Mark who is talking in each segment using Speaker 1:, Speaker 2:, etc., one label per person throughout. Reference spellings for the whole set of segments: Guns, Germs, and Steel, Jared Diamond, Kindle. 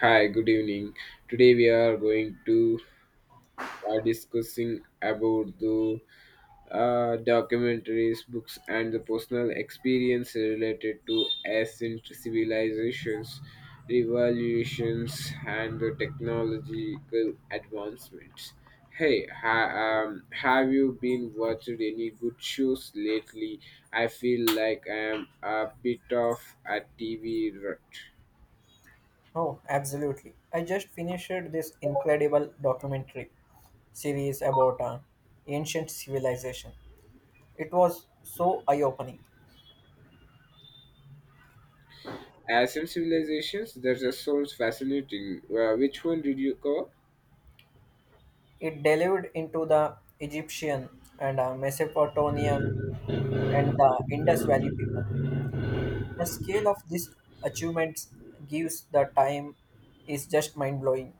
Speaker 1: Hi, good evening. Today we are going to discussing about the documentaries, books, and the personal experience related to ancient civilizations, revolutions, and the technological advancements. Hey, have you been watching any good shows lately? I feel like I am a bit of a TV rut.
Speaker 2: Oh, absolutely. I just finished this incredible documentary series about an ancient civilization. It was so eye opening.
Speaker 1: As in civilizations, there's a source fascinating. Which one did you cover?
Speaker 2: It delved into the Egyptian and Mesopotamian and the Indus Valley people. The scale of these achievements gives the time is just mind blowing.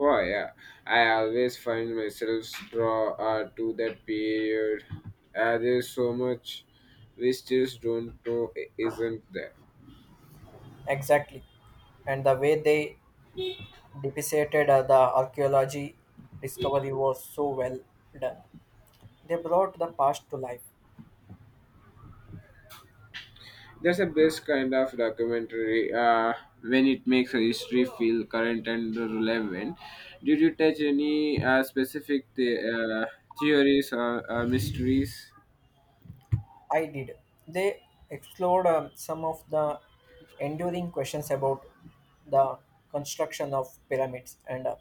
Speaker 1: Oh yeah, I always find myself draw to that period. There's so much we still don't know isn't there.
Speaker 2: Exactly. And the way they depicted the archaeology discovery was so well done. They brought the past to life.
Speaker 1: That's the best kind of documentary when it makes a history feel current and relevant. Did you touch any specific uh, theories or mysteries?
Speaker 2: I did. They explored some of the enduring questions about the construction of pyramids and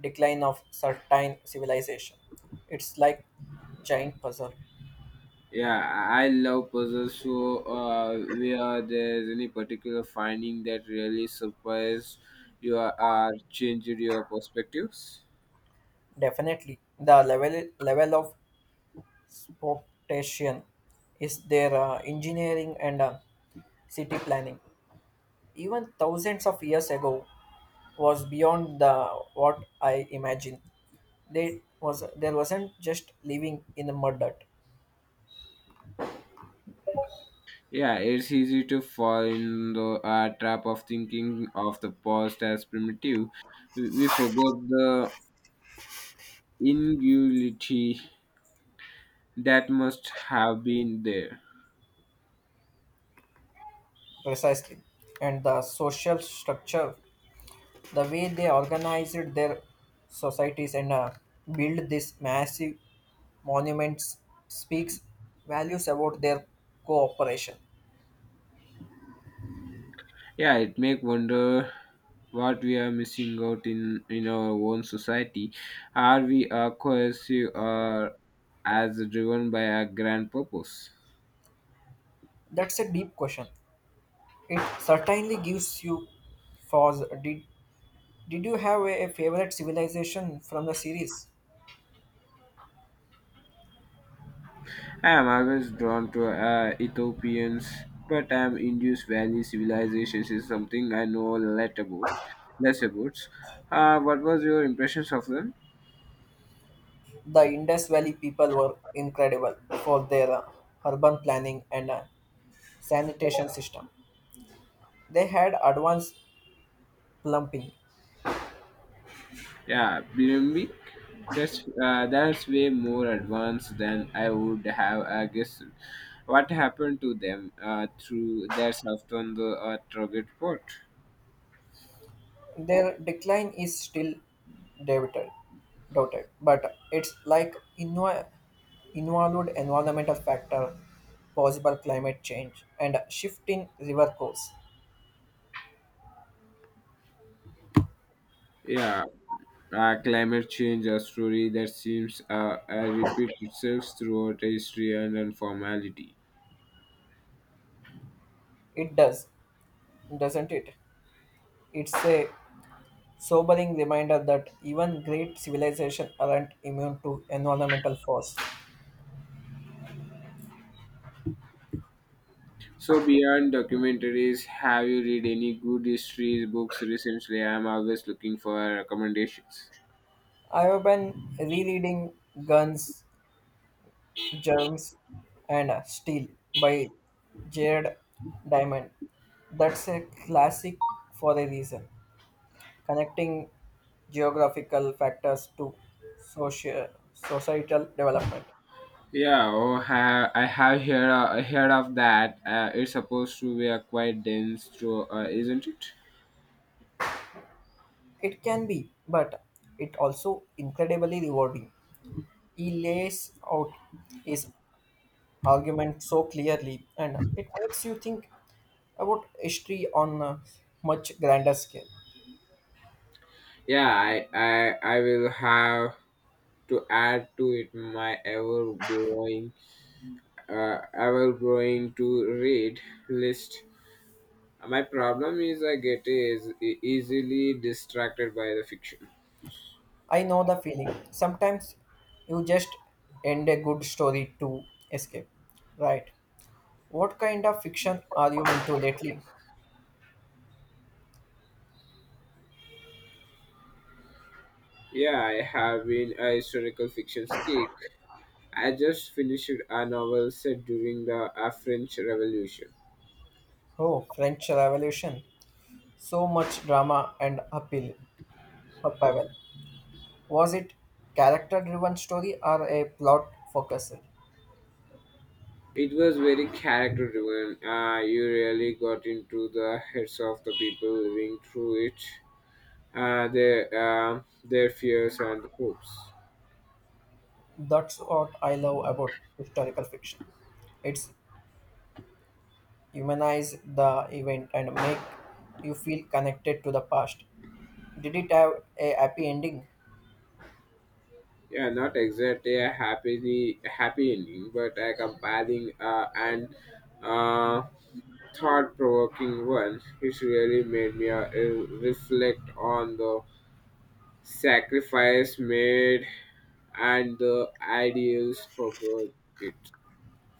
Speaker 2: decline of certain civilization. It's like giant puzzle.
Speaker 1: Yeah, I love puzzles show where there's any particular finding that really surprised you or changed your perspectives.
Speaker 2: Definitely, the level of spotation is their engineering and city planning. Even thousands of years ago was beyond the what I imagined. They was there wasn't just living in the mud dirt,
Speaker 1: Yeah, it's easy to fall in the trap of thinking of the past as primitive. We forget the ingenuity that must have been there.
Speaker 2: precisely, and the social structure, the way they organized their societies and built these massive monuments speaks values about their cooperation.
Speaker 1: Yeah, it make wonder what we are missing out in our own society. Are we cohesive or as driven by a grand purpose?
Speaker 2: That's a deep question. It certainly gives you pause. Did you have a favorite civilization from the series?
Speaker 1: I am always drawn to Ethiopians, but I am Indus Valley civilizations is something I know a lot about. Less about. What was your impressions of them?
Speaker 2: The Indus Valley people were incredible for their urban planning and sanitation system. They had advanced plumbing.
Speaker 1: Yeah, Bilimbic. That's way more advanced than I would have guessed. What happened to them through their soft on the target port?
Speaker 2: Their decline is still debated, doubted, but it's like involved environmental factor, possible climate change, and shift in river course.
Speaker 1: Yeah, climate change a story that seems repeat itself throughout history and informality.
Speaker 2: It does, doesn't it? It's a sobering reminder that even great civilizations aren't immune to environmental force.
Speaker 1: So beyond documentaries, have you read any good history books recently? I'm always looking for recommendations.
Speaker 2: I have been rereading Guns, Germs, and Steel by Jared Diamond. That's a classic for a reason, connecting geographical factors to social, societal development.
Speaker 1: Yeah, oh, I have heard, heard of that. It's supposed to be a quite dense show, isn't it?
Speaker 2: It can be, but it also incredibly rewarding. He lays out his argument so clearly, and it makes you think about history on a much grander scale.
Speaker 1: Yeah, I will have to add to it my ever growing to read list. My problem is I get is easily distracted by the fiction.
Speaker 2: I know the feeling. Sometimes you just end a good story to escape. Right. What kind of fiction are you into lately?
Speaker 1: Yeah, I have been a historical fiction geek. I just finished a novel set during the French Revolution.
Speaker 2: Oh, French Revolution. So much drama and appeal. Upheaval. Was it character driven story or a plot focused?
Speaker 1: It was very character driven. You really got into the heads of the people living through it, their fears and hopes.
Speaker 2: That's what I love about historical fiction. It's humanize the event and make you feel connected to the past. Did it have a happy ending?
Speaker 1: Yeah, not exactly a happily happy ending, but a compelling and uh, thought-provoking one. It really made me reflect on the sacrifice made and the ideals for good it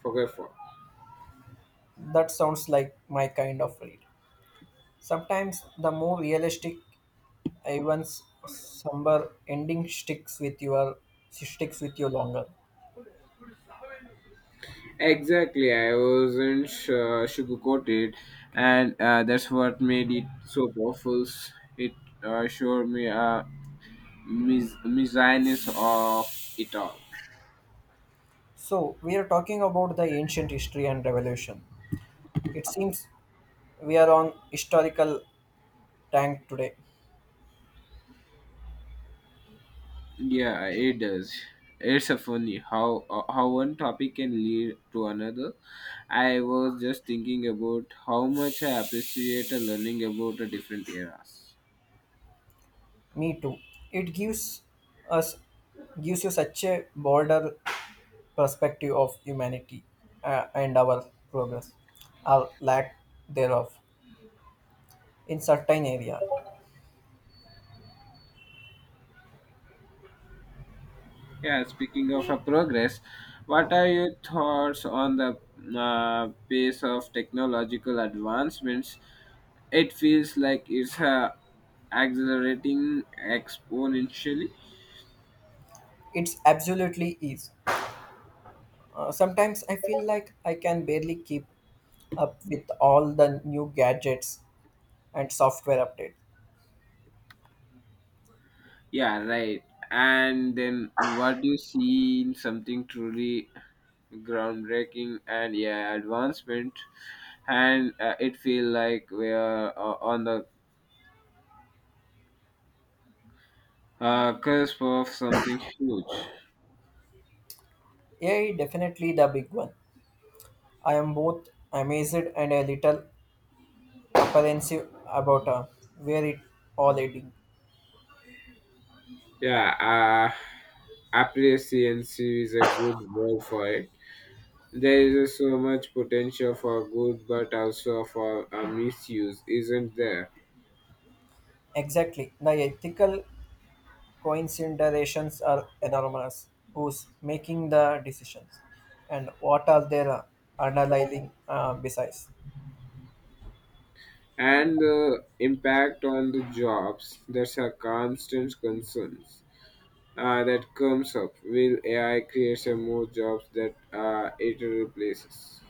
Speaker 1: for.
Speaker 2: That sounds like my kind of read. Sometimes the more realistic, even somber ending sticks with your sticks with you longer.
Speaker 1: Exactly, I wasn't sugarcoated, and that's what made it so powerful. It showed me misogynist of it all.
Speaker 2: So we are talking about the ancient history and revolution. It seems we are on historical tank today.
Speaker 1: Yeah, it does. It's a funny how how one topic can lead to another. I was just thinking about how much I appreciate learning about a different eras.
Speaker 2: Me too. It us gives you such a broader perspective of humanity and our progress, our lack thereof, in certain area.
Speaker 1: Yeah, speaking of a progress, what are your thoughts on the pace of technological advancements? It feels like it's accelerating exponentially.
Speaker 2: It's absolutely is. Sometimes I feel like I can barely keep up with all the new gadgets and software updates.
Speaker 1: Yeah, right. And then what do you see in something truly groundbreaking and yeah, advancement? And it feels like we are on the cusp of something huge.
Speaker 2: AI definitely the big one. I am both amazed and a little apprehensive about where it all leading.
Speaker 1: Yeah, Appreciancy is a good word for it. There is so much potential for good, but also for a misuse, isn't there?
Speaker 2: Exactly, the ethical coinciderations are enormous. Who's making the decisions? And what are their underlying besides?
Speaker 1: And the impact on the jobs, that's a constant concern that comes up. Will AI create some more jobs that it replaces?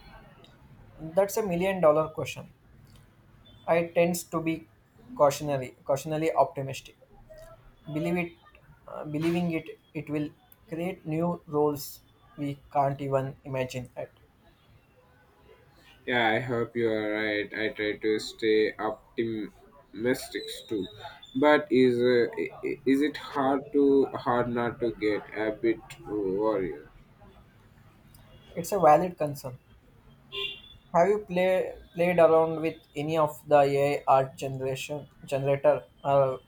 Speaker 2: That's a million dollar question. I tends to be cautionally optimistic. Believe it, believing it, it will create new roles we can't even imagine yet.
Speaker 1: Yeah, I hope you are right. I try to stay optimistic too, but is is it hard to hard not to get a bit worried?
Speaker 2: It's a valid concern. Have you played around with any of the AI art generation generator or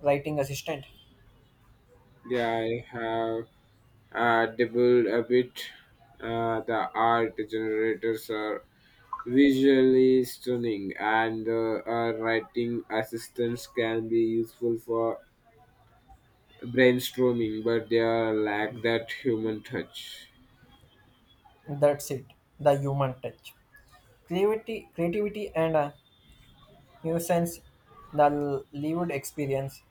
Speaker 2: writing assistant?
Speaker 1: Yeah, I have dabbled a bit. The art generators are visually stunning, and writing assistants can be useful for brainstorming, but they are lack that human touch.
Speaker 2: That's it, the human touch. Creativity and a nuisance, the lived experience.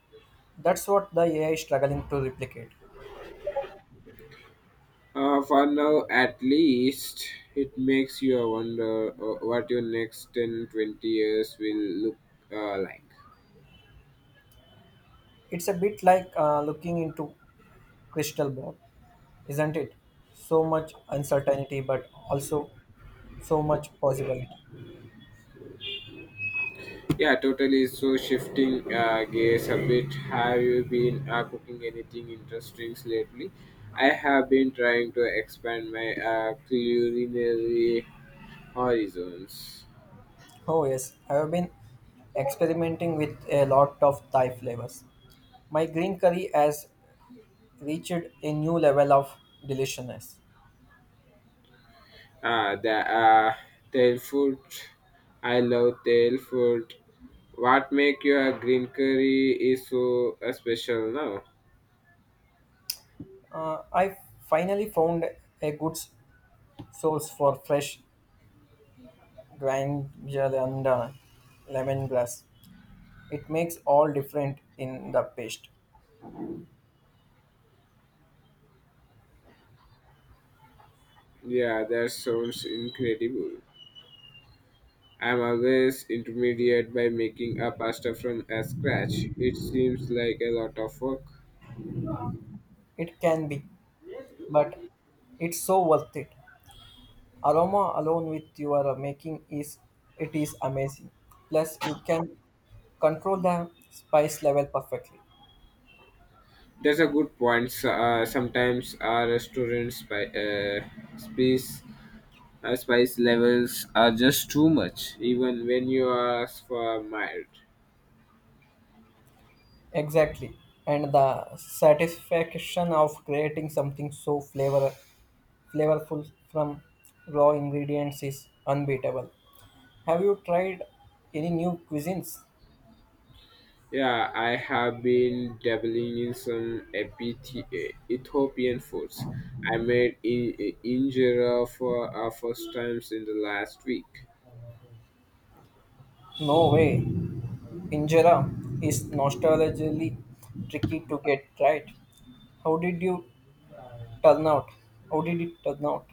Speaker 2: That's what the AI is struggling to replicate.
Speaker 1: For now, at least, it makes you wonder what your next 10, 20 years will look like.
Speaker 2: It's a bit like looking into crystal ball, isn't it? So much uncertainty, but also so much possibility.
Speaker 1: Yeah, totally. So, shifting gears a bit, have you been cooking anything interesting lately? I have been trying to expand my culinary horizons.
Speaker 2: Oh yes, I have been experimenting with a lot of Thai flavors. My green curry has reached a new level of deliciousness.
Speaker 1: Ah, the tail food. I love tail food. What make your green curry is so special now?
Speaker 2: I finally found a source for fresh ginger and lemongrass. It makes all different in the paste.
Speaker 1: Yeah, that sounds incredible. I'm always intermediate by making a pasta from scratch. It seems like a lot of work.
Speaker 2: It can be, but it's so worth it. Aroma alone with your making is it is amazing. Plus, you can control the spice level perfectly.
Speaker 1: That's a good point. So, sometimes our restaurants spice spice levels are just too much, even when you ask for mild.
Speaker 2: Exactly, and the satisfaction of creating something so flavorful from raw ingredients is unbeatable. Have you tried any new cuisines?
Speaker 1: Yeah, I have been dabbling in some Ethiopian foods. I made injera for our first times in the last week.
Speaker 2: No way. Injera is nostalgically tricky to get right. How did you turn out? How did it turn out?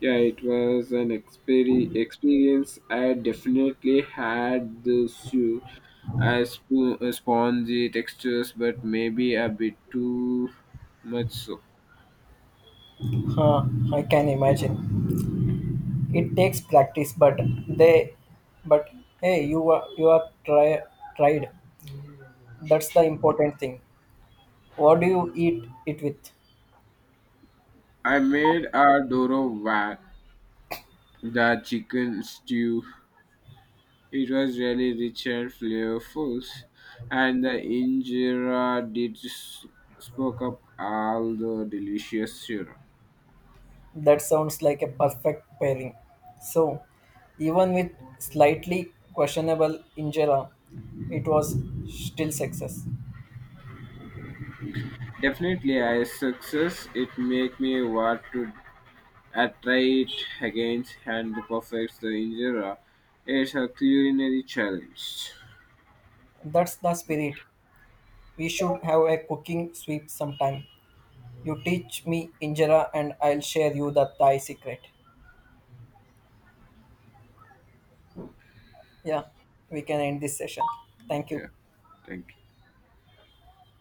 Speaker 1: Yeah, it was an experience. I definitely had the spongy textures, but maybe a bit too much so.
Speaker 2: Huh, I can imagine. It takes practice, they, but hey, you are tried. That's the important thing. What do you eat it with?
Speaker 1: I made a doro wag, the chicken stew. It was really rich and flavorful, and the injera spoke up all the delicious syrup.
Speaker 2: That sounds like a perfect pairing. So, even with slightly questionable injera, it was still success.
Speaker 1: Definitely a success. It make me want to try it again and perfect the injera. It's a culinary challenge.
Speaker 2: That's the spirit. We should have a cooking sweep sometime. You teach me injera and I'll share you the Thai secret. Yeah, we can end this session. Thank
Speaker 1: Yeah,
Speaker 2: you.
Speaker 1: thank you.